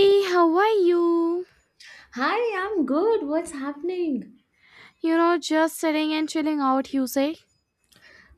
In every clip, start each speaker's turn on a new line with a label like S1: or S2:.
S1: Hey, how are you?
S2: Hi, I'm good. What's happening?
S1: You know, just sitting and chilling out, you say?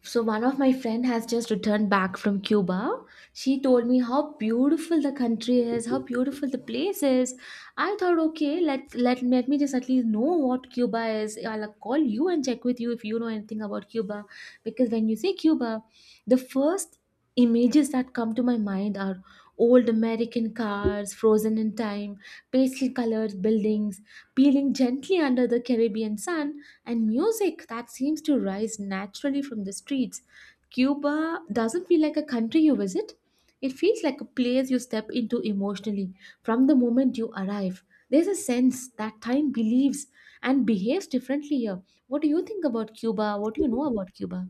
S2: So one of my friend has just returned back from Cuba. She told me how beautiful the country is, how beautiful the place is. I thought, okay, let me just at least know what Cuba is. I'll call you and check with you if you know anything about Cuba, because when you say Cuba, the first images that come to my mind are old American cars frozen in time, pastel colored buildings peeling gently under the Caribbean sun, and music that seems to rise naturally from the streets. Cuba doesn't feel like a country you visit, it feels like a place you step into emotionally from the moment you arrive. There's a sense that time believes and behaves differently here. What do you think about Cuba? What do you know about Cuba?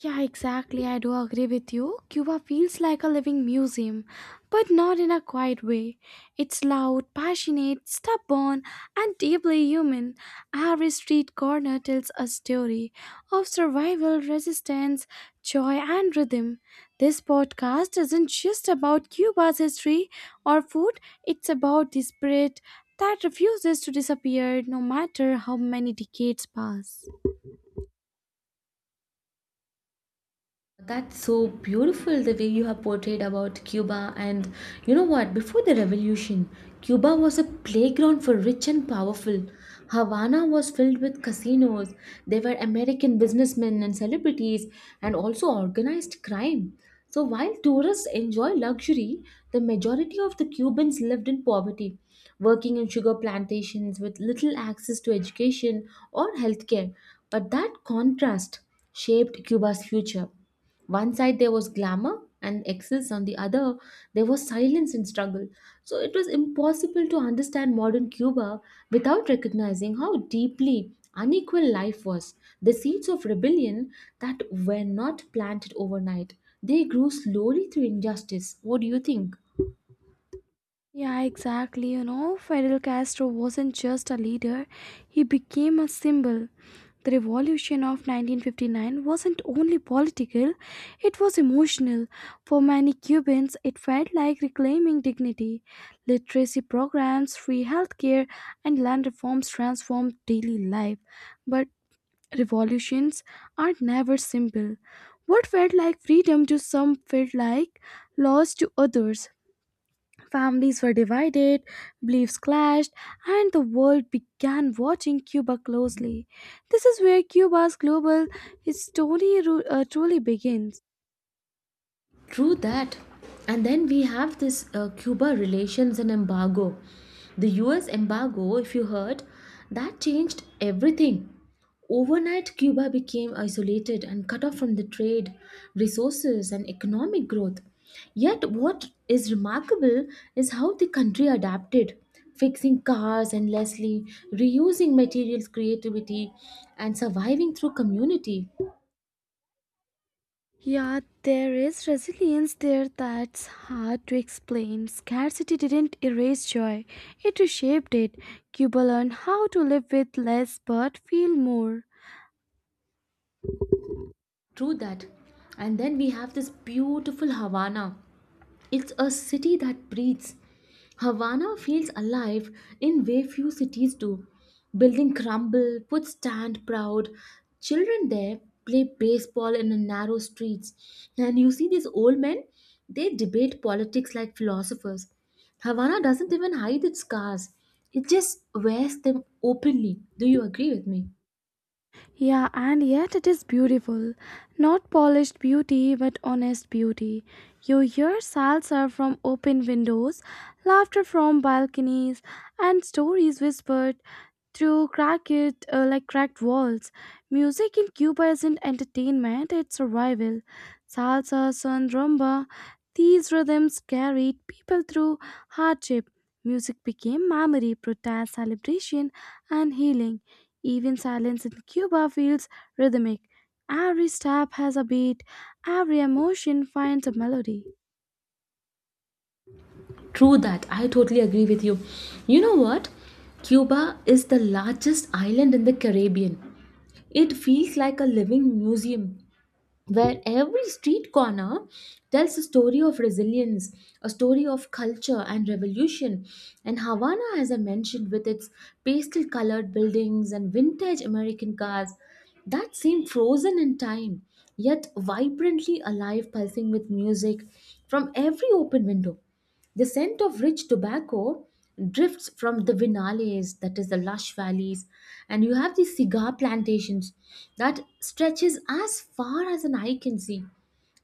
S1: Yeah, exactly. I do agree with you. Cuba feels like a living museum, but not in a quiet way. It's loud, passionate, stubborn, and deeply human. Every street corner tells a story of survival, resistance, joy, and rhythm. This podcast isn't just about Cuba's history or food, it's about the spirit that refuses to disappear no matter how many decades pass.
S2: That's so beautiful the way you have portrayed about Cuba. And you know what? Before the revolution, Cuba was a playground for rich and powerful. Havana was filled with casinos. There were American businessmen and celebrities, and also organized crime. So while tourists enjoy luxury, the majority of the Cubans lived in poverty, working in sugar plantations with little access to education or healthcare. But that contrast shaped Cuba's future. One side there was glamour and excess, on the other there was silence and struggle. So it was impossible to understand modern Cuba without recognizing how deeply unequal life was. The seeds of rebellion that were not planted overnight, they grew slowly through injustice. What do you think?
S1: Yeah, exactly. You know, Fidel Castro wasn't just a leader, he became a symbol. The revolution of 1959 wasn't only political, it was emotional. For many Cubans, it felt like reclaiming dignity. Literacy programs, free healthcare, and land reforms transformed daily life. But revolutions are never simple. What felt like freedom to some felt like loss to others. Families were divided, beliefs clashed, and the world began watching Cuba closely. This is where Cuba's global story truly begins.
S2: True that. And then we have this Cuba relations and embargo. The US embargo, if you heard, that changed everything. Overnight, Cuba became isolated and cut off from the trade, resources, and economic growth. Yet, what is remarkable is how the country adapted, fixing cars endlessly, reusing materials creativity, and surviving through community.
S1: Yeah, there is resilience there that's hard to explain. Scarcity didn't erase joy, it reshaped it. Cuba learned how to live with less but feel more.
S2: True that. And then we have this beautiful Havana. It's a city that breathes. Havana feels alive in way few cities do. Building crumble, foot stand proud. Children there play baseball in the narrow streets. And you see these old men, they debate politics like philosophers. Havana doesn't even hide its scars. It just wears them openly. Do you agree with me?
S1: Yeah, and yet it is beautiful. Not polished beauty, but honest beauty. You hear salsa from open windows, laughter from balconies, and stories whispered through cracked walls. Music in Cuba isn't entertainment, it's survival. Salsa, son, rumba, these rhythms carried people through hardship. Music became memory, protest, celebration, and healing. Even silence in Cuba feels rhythmic. Every step has a beat, every emotion finds a melody.
S2: True that. I totally agree with you. You know what? Cuba is the largest island in the Caribbean. It feels like a living museum where every street corner tells a story of resilience, a story of culture and revolution. And Havana, as I mentioned, with its pastel colored buildings and vintage American cars that seem frozen in time, yet vibrantly alive, pulsing with music from every open window. The scent of rich tobacco drifts from the vinales, that is the lush valleys, and you have these cigar plantations that stretches as far as an eye can see.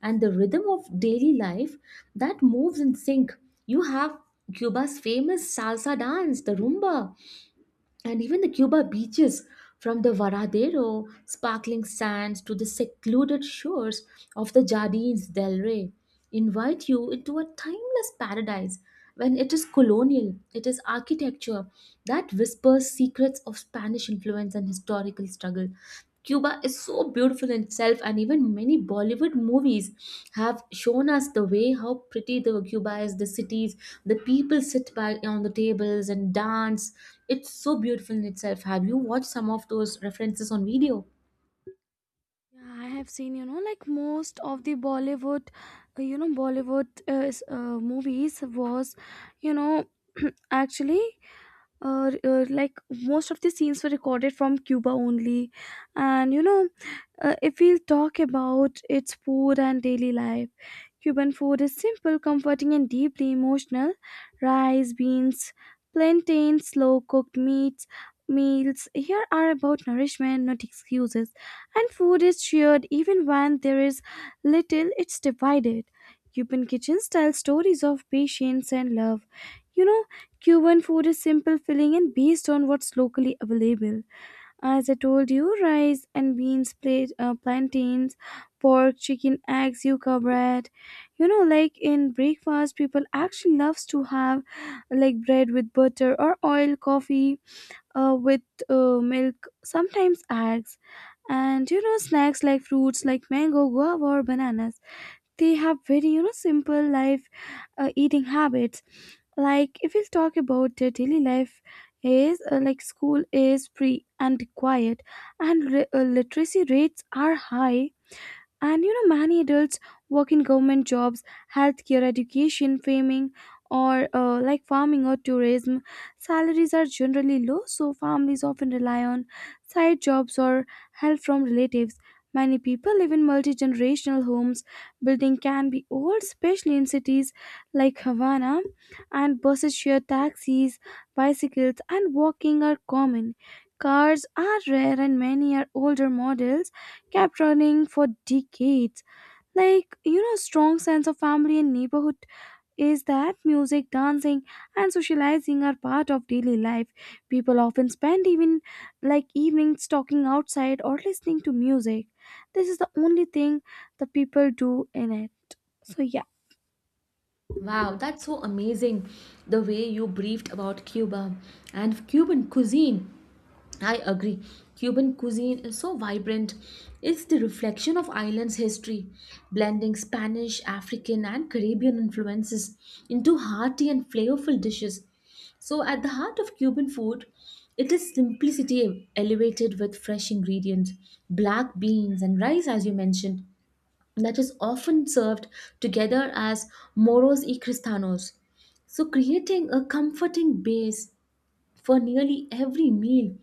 S2: And the rhythm of daily life that moves in sync. You have Cuba's famous salsa dance, the rumba, and even the Cuba beaches from the Varadero sparkling sands to the secluded shores of the Jardines del Rey invite you into a timeless paradise. When it is colonial, it is architecture that whispers secrets of Spanish influence and historical struggle. Cuba is so beautiful in itself, and even many Bollywood movies have shown us the way how pretty the Cuba is, the cities, the people sit back on the tables and dance. It's so beautiful in itself. Have you watched some of those references on video?
S1: Yeah, I have seen, like most of the Bollywood, Bollywood is, movies was, you know, actually, like most of the scenes were recorded from Cuba only. And, if we'll talk about its food and daily life, Cuban food is simple, comforting, and deeply emotional. Rice, beans, plantains, slow cooked meats, meals here are about nourishment, not excuses. And food is shared even when there is little, it's divided. Cuban kitchens tell stories of patience and love. You know, Cuban food is simple, filling, and based on what's locally available. As I told you, rice and beans, plantains, pork, chicken, eggs, yuca bread. You know, like in breakfast, people actually loves to have like bread with butter or oil, coffee with milk, sometimes eggs. And you know, snacks like fruits like mango, guava, or bananas. They have very, you know, simple life, eating habits. Like if we talk about their daily life is like school is free and quiet, and literacy rates are high. And you know, many adults work in government jobs, healthcare, education, farming, or farming or tourism. Salaries are generally low, so families often rely on side jobs or help from relatives. Many people live in multi generational homes. Building can be old, especially in cities like Havana, and buses share taxis, bicycles, and walking are common. Cars are rare, and many are older models kept running for decades. Like, you know, strong sense of family and neighborhood is that music, dancing, and socializing are part of daily life. People often spend even like evenings talking outside or listening to music. This is the only thing the people do in it. So, yeah.
S2: Wow, that's so amazing the way you briefed about Cuba and Cuban cuisine. I agree. Cuban cuisine is so vibrant. It's the reflection of island's history, blending Spanish, African, and Caribbean influences into hearty and flavorful dishes. So, at the heart of Cuban food, it is simplicity elevated with fresh ingredients, black beans, and rice, as you mentioned that is often served together as moros y cristianos. So, creating a comforting base for nearly every meal.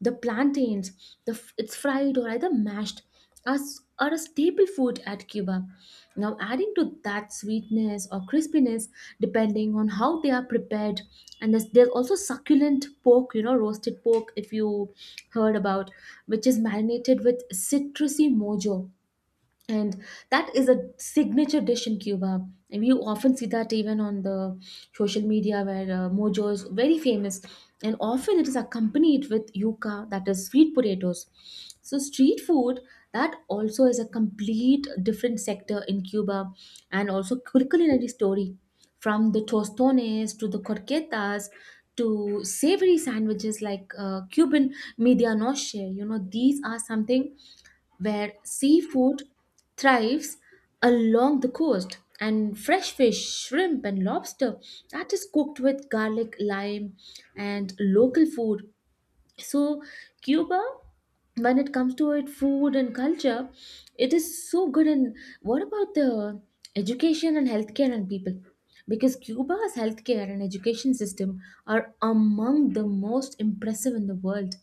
S2: The plantains, it's fried or either mashed, are a staple food at Cuba. Now, adding to that sweetness or crispiness, depending on how they are prepared, and there's also succulent pork, you know, roasted pork, if you heard about, which is marinated with citrusy mojo and that is a signature dish in Cuba, and you often see that even on the social media where mojo is very famous, and often it is accompanied with yuca, that is sweet potatoes. So street food, that also is a complete different sector in Cuba, and also culinary story, from the tostones to the corquetas to savory sandwiches like Cuban media noche, you know, these are something where seafood thrives along the coast, and fresh fish, shrimp, and lobster that is cooked with garlic, lime, and local food. So Cuba, when it comes to it food and culture, it is so good. And what about the education and healthcare and people, because Cuba's healthcare and education system are among the most impressive in the world,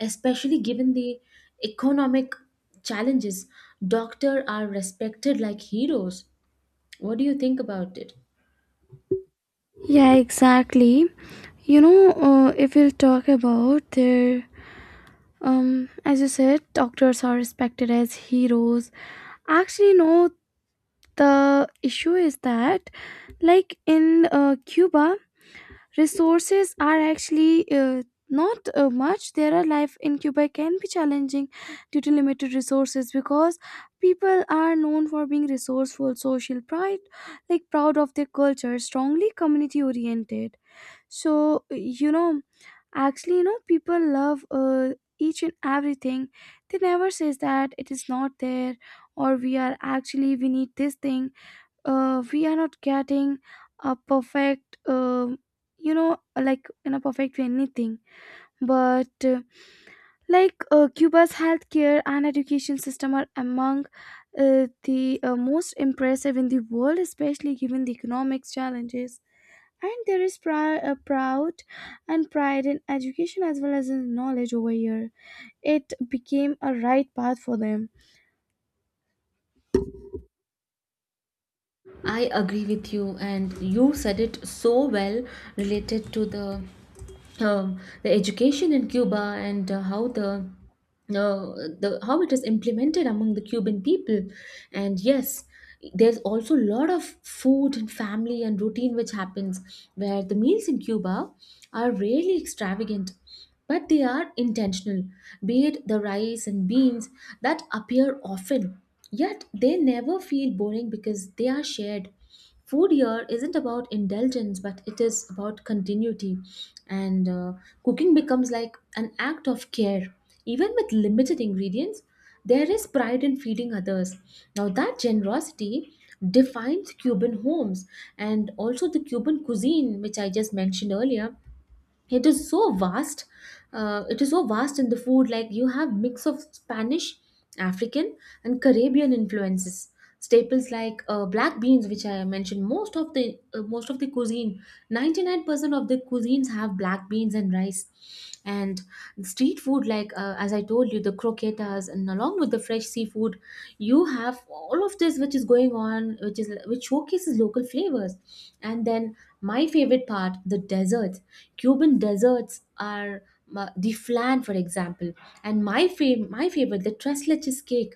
S2: especially given the economic challenges. Doctors are respected like heroes. What do you think about it?
S1: Yeah, exactly. You know, if we'll talk about their, as you said, doctors are respected as heroes. Actually, no, the issue is that like in cuba resources are actually not much. There are life in cuba can be challenging due to limited resources because people are known for being resourceful social pride, like proud of their culture, strongly community oriented. So you know, actually, you know, people love each and everything. They never says that it is not there, or we are actually we need this thing. We are not getting a perfect, you know, like in a perfect way anything. But cuba's healthcare and education system are among the most impressive in the world, especially given the economic challenges. And there is proud and pride in education as well as in knowledge over here. It became a right path for them.
S2: I agree with you, and you said it so well related to the education in Cuba and how uh, the how it is implemented among the Cuban people. And yes, there's also a lot of food and family and routine which happens, where the meals in Cuba are really extravagant. But they are intentional, be it the rice and beans that appear often. Yet they never feel boring because they are shared. Food here isn't about indulgence, but it is about continuity. And cooking becomes like an act of care. Even with limited ingredients, there is pride in feeding others. Now, that generosity defines Cuban homes and also the Cuban cuisine, which I just mentioned earlier. It is so vast, it is so vast in the food, like you have mix of Spanish, African, and Caribbean influences. Staples like black beans, which I mentioned, most of the cuisine, 99% of the cuisines have black beans and rice. And street food like, as I told you, the croquetas, and along with the fresh seafood, you have all of this which is going on, which is which showcases local flavors. And then my favorite part, the deserts. Cuban deserts are ma- The flan, for example, and my favorite, the tres leches cake,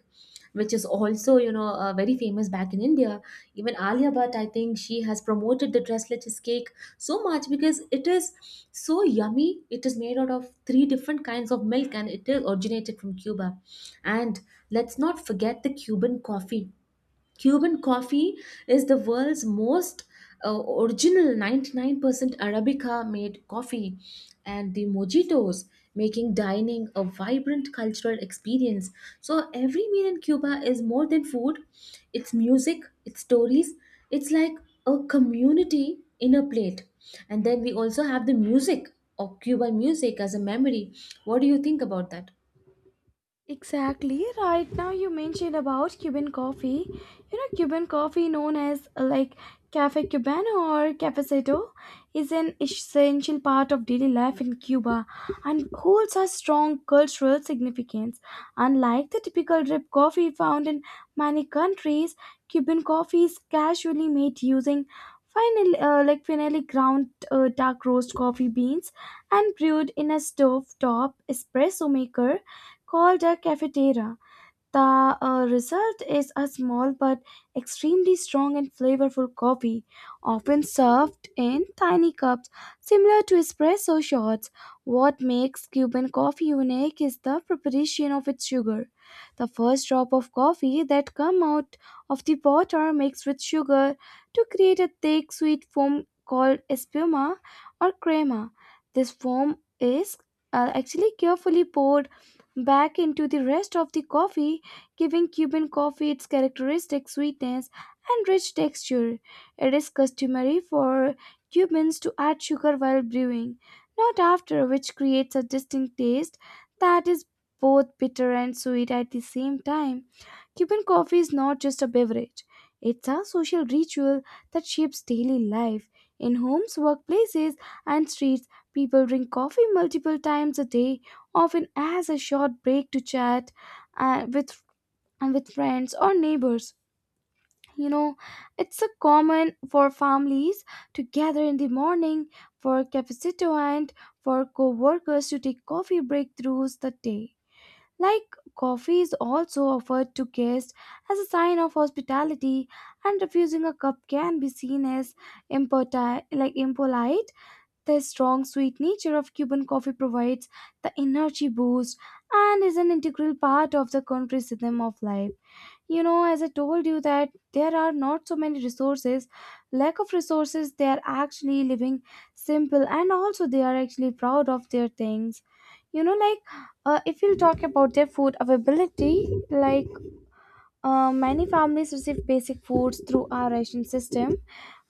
S2: which is also, you know, very famous back in India. Even Alia Bhatt, I think she has promoted the tres leches cake so much because it is so yummy. It is made out of three different kinds of milk, and it is originated from Cuba. And let's not forget the Cuban coffee. Cuban coffee is the world's most uh, original 99% Arabica made coffee, and the mojitos making dining a vibrant cultural experience. So, every meal in Cuba is more than food, it's music, it's stories, it's like a community in a plate. And then we also have the music of Cuban music as a memory. What do you think about that?
S1: Exactly. Right now, you mentioned about Cuban coffee. You know, Cuban coffee, known as Cafe Cubano or Cafecito, is an essential part of daily life in Cuba and holds a strong cultural significance. Unlike the typical drip coffee found in many countries, Cuban coffee is casually made using finely ground dark roast coffee beans and brewed in a stove top espresso maker called a cafeteria. The result is a small but extremely strong and flavorful coffee, often served in tiny cups, similar to espresso shots. What makes Cuban coffee unique is the preparation of its sugar. The first drop of coffee that come out of the pot are mixed with sugar to create a thick, sweet foam called espuma or crema. This foam is actually carefully poured back into the rest of the coffee, giving Cuban coffee its characteristic sweetness and rich texture. It is customary for Cubans to add sugar while brewing, not after, which creates a distinct taste that is both bitter and sweet at the same time. Cuban coffee is not just a beverage, it's a social ritual that shapes daily life. In homes, workplaces, and streets, people drink coffee multiple times a day, often as a short break to chat uh, with with friends or neighbors. You know, it's a common for families to gather in the morning for cafecito, and for co-workers to take coffee break throughs the day. Like coffee is also offered to guests as a sign of hospitality, and refusing a cup can be seen as impolite. Like impolite, the strong sweet nature of Cuban coffee provides the energy boost and is an integral part of the country's rhythm of life. You know, as I told you that there are not so many resources, lack of resources, they are actually living simple, and also they are actually proud of their things. You know, like if you talk about their food availability, like many families receive basic foods through our ration system.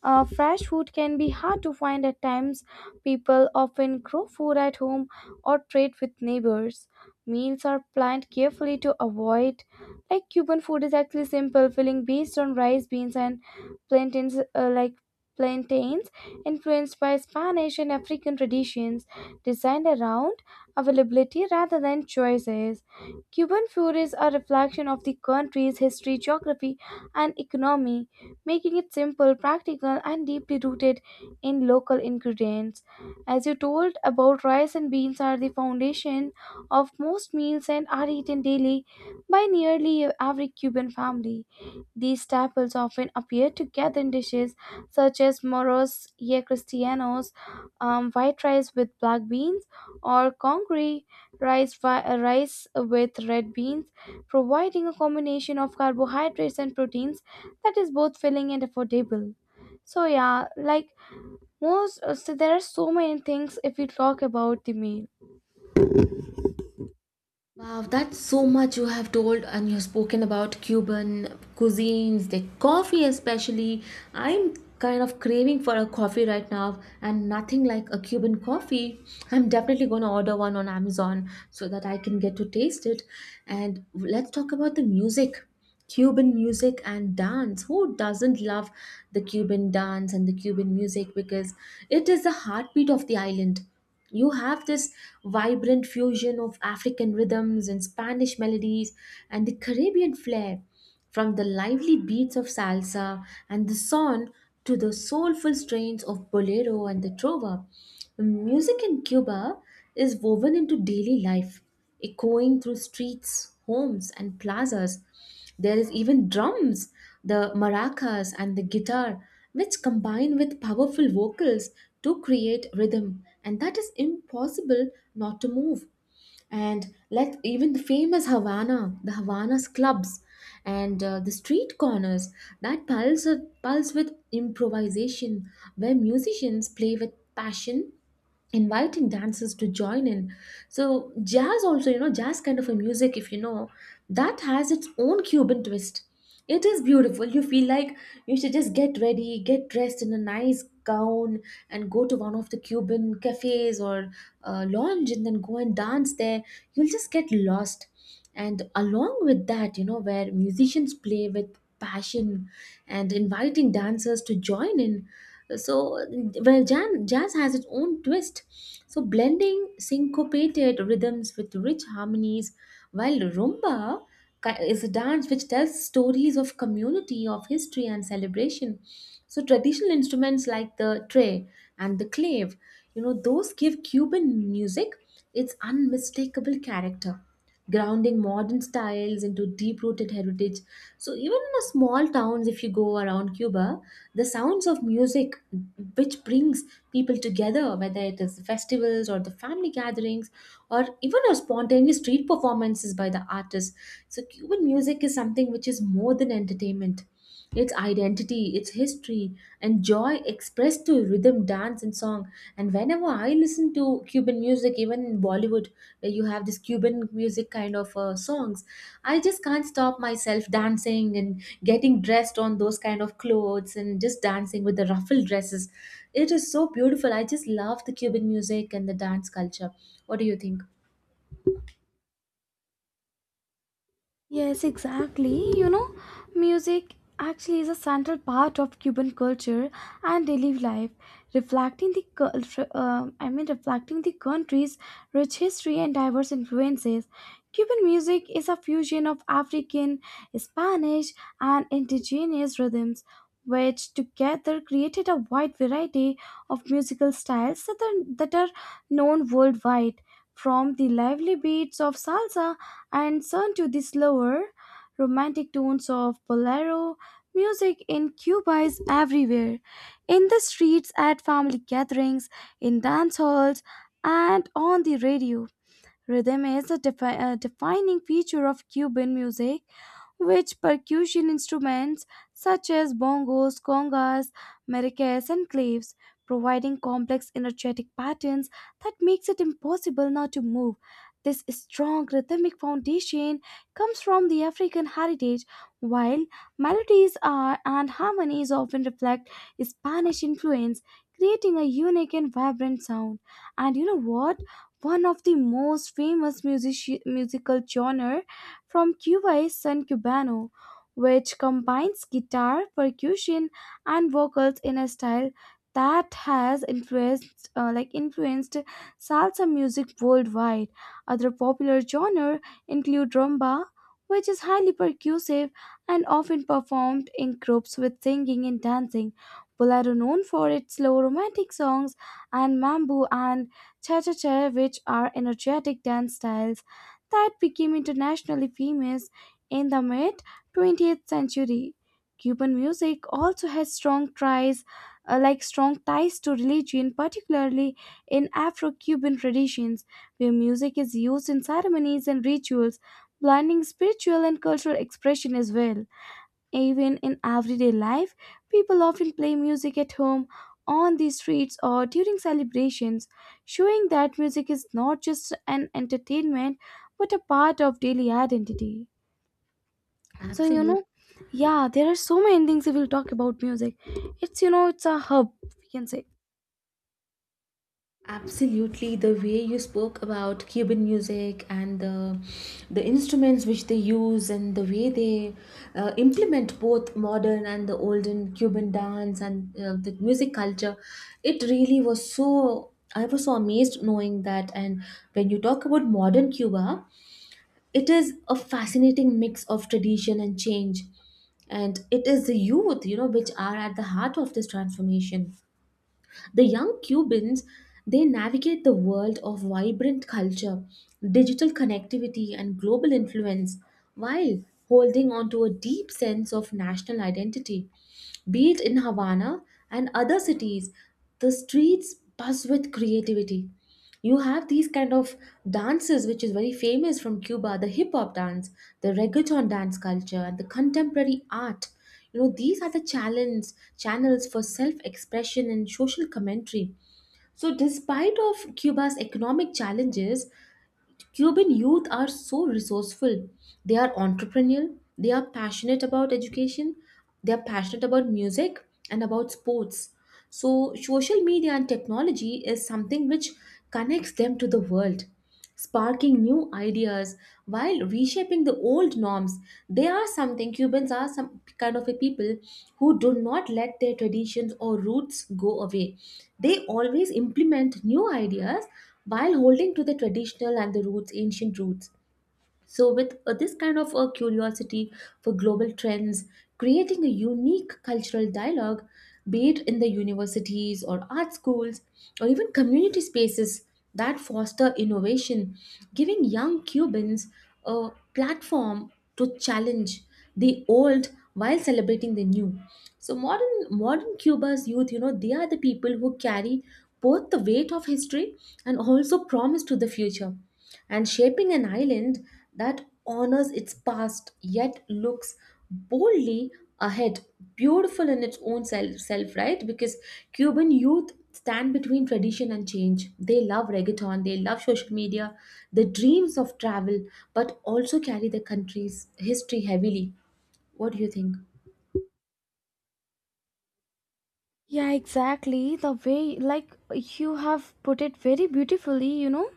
S1: Fresh food can be hard to find at times. People often grow food at home or trade with neighbors. Meals are planned carefully to avoid. Like Cuban food is actually simple, filling based on rice, beans, and plantains. Plantains, influenced by Spanish and African traditions, designed around availability rather than choices. Cuban food is a reflection of the country's history, geography, and economy, making it simple, practical, and deeply rooted in local ingredients. As you told about rice and beans are the foundation of most meals and are eaten daily by nearly every Cuban family. These staples often appear together in dishes such as moros y cristianos, white rice with black beans, or congre rice with red beans, providing a combination of carbohydrates and proteins that is both filling and affordable. So yeah, so there are so many things if we talk about the meal.
S2: Wow, that's so much you have told, and you've spoken about Cuban cuisines, the coffee especially. I'm kind of craving for a coffee right now, and nothing like a Cuban coffee. I'm definitely going to order one on Amazon so that I can get to taste it. And let's talk about the music. Cuban music and dance. Who doesn't love the Cuban dance and the Cuban music, because it is the heartbeat of the island. You have this vibrant fusion of African rhythms and Spanish melodies and the Caribbean flair, from the lively beats of salsa and the son to the soulful strains of bolero and the trova. Music in Cuba is woven into daily life, echoing through streets, homes, and plazas. There is even drums, the maracas, and the guitar, which combine with powerful vocals to create rhythm, and that is impossible not to move and let. Even the famous Havana, the Havana's clubs and the street corners that pulse with improvisation, where musicians play with passion inviting dancers to join in. So jazz also, you know, jazz kind of a music, if you know, that has its own Cuban twist. It is beautiful. You feel like you should just get ready, get dressed in a nice gown, and go to one of the Cuban cafes or lounge, and then go and dance there. You'll just get lost. And along with that, you know, where musicians play with passion and inviting dancers to join in. So jazz has its own twist, so blending syncopated rhythms with rich harmonies, while rumba is a dance which tells stories of community, of history and celebration. So traditional instruments like the tray and the clave, you know, those give Cuban music its unmistakable character, grounding modern styles into deep rooted heritage. So, even in a small towns, if you go around Cuba, the sounds of music which brings people together, whether it is festivals or the family gatherings or even a spontaneous street performances by the artists. So, Cuban music is something which is more than entertainment, its identity, its history, and joy expressed through rhythm, dance, and song. And whenever I listen to Cuban music, even in Bollywood, where you have this Cuban music kind of songs, I just can't stop myself dancing and getting dressed on those kind of clothes and just dancing with the ruffled dresses. It is so beautiful. I just love the Cuban music and the dance culture. What do you think?
S1: Yes, exactly. You know, music actually is a central part of Cuban culture and daily life, reflecting the culture. I mean, reflecting the country's rich history and diverse influences. Cuban music is a fusion of African, Spanish, and indigenous rhythms, which together created a wide variety of musical styles that are known worldwide. From the lively beats of salsa and turn to the slower, romantic tones of bolero. Music in Cuba is everywhere, in the streets, at family gatherings, in dance halls, and on the radio. Rhythm is a defining feature of Cuban music, which percussion instruments such as bongos, congas, maracas, and claves, providing complex energetic patterns that makes it impossible not to move. This strong rhythmic foundation comes from the African heritage, while melodies are and harmonies often reflect Spanish influence, creating a unique and vibrant sound. And you know what? One of the most famous musical genre from Cuba is Son Cubano, which combines guitar, percussion, and vocals in a style that has influenced salsa music worldwide. Other popular genre include rumba, which is highly percussive and often performed in groups with singing and dancing. Bolero known for its slow romantic songs, and mambo and cha-cha-cha, which are energetic dance styles that became internationally famous in the mid 20th century. Cuban music also has strong ties to religion, particularly in Afro-Cuban traditions, where music is used in ceremonies and rituals, blending spiritual and cultural expression as well. Even in everyday life, people often play music at home, on the streets, or during celebrations, showing that music is not just an entertainment but a part of daily identity. So, you
S2: Absolutely.
S1: know, yeah, there are so many things if we'll talk about music. It's, it's a hub, we can say.
S2: Absolutely, the way you spoke about Cuban music and the instruments which they use and the way they implement both modern and the olden Cuban dance and the music culture, it really was so. I was so amazed knowing that. And when you talk about modern Cuba, it is a fascinating mix of tradition and change, and it is the youth, you know, which are at the heart of this transformation. The young Cubans, they navigate the world of vibrant culture, digital connectivity, and global influence while holding on to a deep sense of national identity. Be it in Havana and other cities, the streets buzz with creativity. You have these kind of dances which is very famous from Cuba, the hip hop dance, the reggaeton dance culture, and the contemporary art. You know, these are the challenge channels for self-expression and social commentary. So despite of Cuba's economic challenges, Cuban youth are so resourceful. They are entrepreneurial, they are passionate about education, they are passionate about music and about sports. So, social media and technology is something which connects them to the world, sparking new ideas while reshaping the old norms. They are something, Cubans are some kind of a people who do not let their traditions or roots go away. They always implement new ideas while holding to the traditional and the roots, ancient roots, so with this kind of a curiosity for global trends, creating a unique cultural dialogue, be it in the universities or art schools or even community spaces that foster innovation, giving young Cubans a platform to challenge the old while celebrating the new. So modern Cuba's youth, you know, they are the people who carry both the weight of history and also promise to the future, and shaping an island that honors its past yet looks boldly ahead. Beautiful in its own self, right? Because Cuban youth stand between tradition and change. They love reggaeton, they love social media, the dreams of travel, but also carry the country's history heavily. What do you think?
S1: Yeah, exactly. The way, you have put it very beautifully,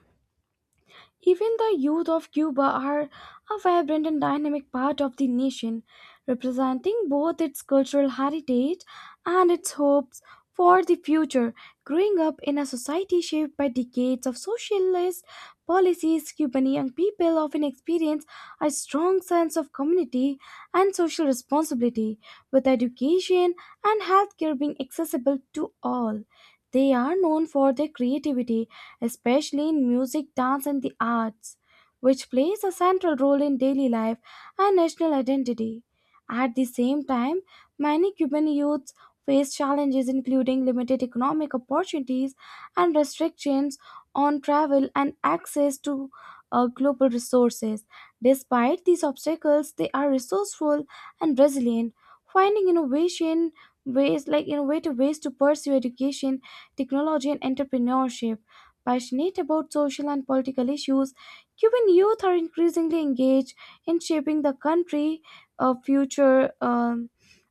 S1: Even the youth of Cuba are a vibrant and dynamic part of the nation, representing both its cultural heritage and its hopes for the future. Growing up in a society shaped by decades of socialist policies, Cuban young people often experience a strong sense of community and social responsibility, with education and healthcare being accessible to all. They are known for their creativity, especially in music, dance, and the arts, which plays a central role in daily life and national identity. At the same time, many Cuban youths face challenges including limited economic opportunities and restrictions on travel and access to global resources. Despite these obstacles, they are resourceful and resilient, finding innovation ways like innovative ways to pursue education, technology, and entrepreneurship. Passionate about social and political issues, Cuban youth are increasingly engaged in shaping the country of future,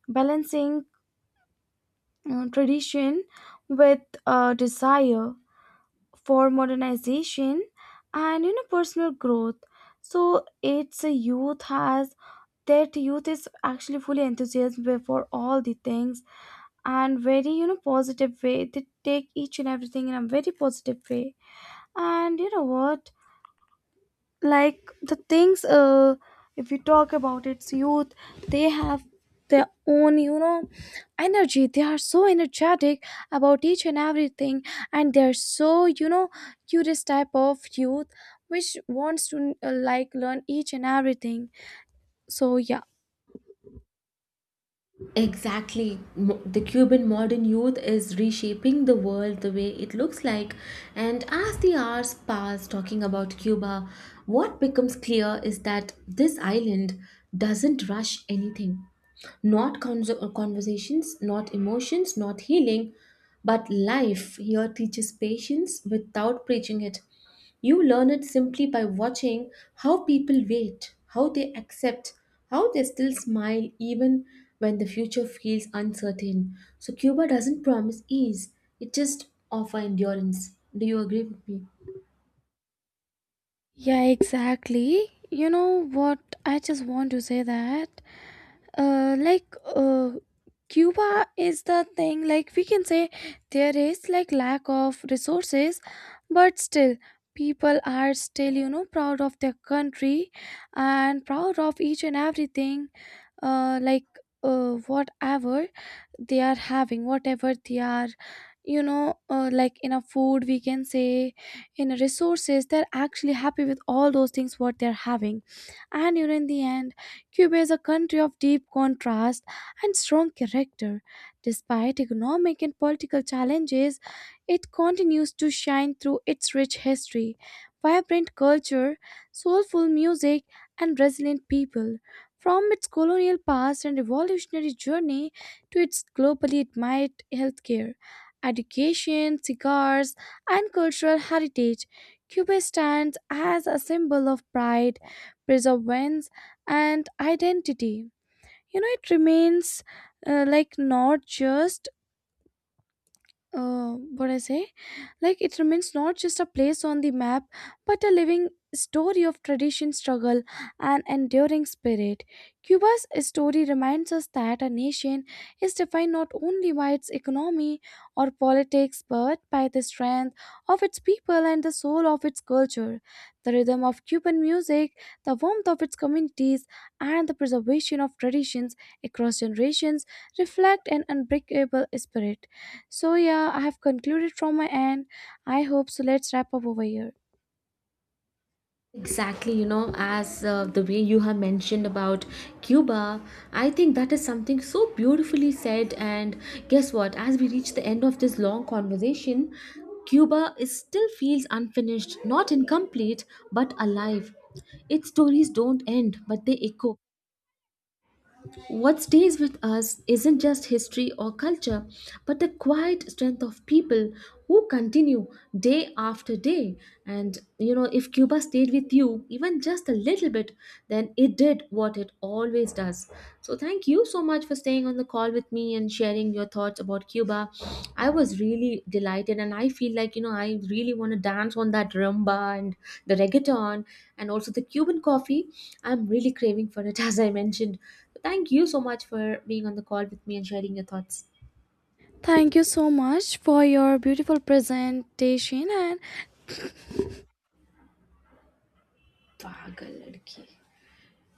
S1: balancing tradition with a desire for modernization and personal growth. So it's a youth has that youth is actually fully enthusiastic for all the things and very positive way. They take each and everything in a very positive way. And you know what? Like the things, if we talk about its youth, they have their own, energy. They are so energetic about each and everything, and they're so, curious type of youth, which wants to like learn each and everything. So yeah.
S2: Exactly. The Cuban modern youth is reshaping the world the way it looks like. And as the hours pass talking about Cuba, what becomes clear is that this island doesn't rush anything. Not conversations, not emotions, not healing, but life here teaches patience without preaching it. You learn it simply by watching how people wait, how they accept, how they still smile even when the future feels uncertain. So, Cuba doesn't promise ease, it just offers endurance. Do you agree with me?
S1: Yeah, exactly, you know what? I just want to say that, like, Cuba is the thing. Like we can say there is like lack of resources, but still people are still, proud of their country and proud of each and everything. Like, whatever they are having, whatever they are, like in a food we can say, in a resources, they're actually happy with all those things what they're having. And you know, in the end, Cuba is a country of deep contrast and strong character. Despite economic and political challenges, it continues to shine through its rich history, vibrant culture, soulful music, and resilient people. From its colonial past and revolutionary journey to its globally admired healthcare, education, cigars, and cultural heritage, Cuba stands as a symbol of pride, perseverance, and identity. You know, it remains, like not just, what I say, like it remains not just a place on the map, but a living story of tradition, struggle, and enduring spirit. Cuba's story reminds us that a nation is defined not only by its economy or politics, but by the strength of its people and the soul of its culture. The rhythm of Cuban music, the warmth of its communities, and the preservation of traditions across generations reflect an unbreakable spirit. So, yeah, I have concluded from my end. I hope so. Let's wrap up over here.
S2: Exactly, you know, as the way you have mentioned about Cuba, I think that is something so beautifully said. And guess what? As we reach the end of this long conversation, Cuba is still feels unfinished, not incomplete, but alive. Its stories don't end, but they echo. What stays with us isn't just history or culture, but the quiet strength of people who continue day after day. And you know, if Cuba stayed with you even just a little bit, then it did what it always does. So, thank you so much for staying on the call with me and sharing your thoughts about Cuba. I was really delighted, and I feel like, you know, I really want to dance on that rumba and the reggaeton and also the Cuban coffee. I'm really craving for it, as I mentioned. Thank you so much for being on the call with me and sharing your thoughts.
S1: Thank you so much for your beautiful presentation and
S2: पागल लड़की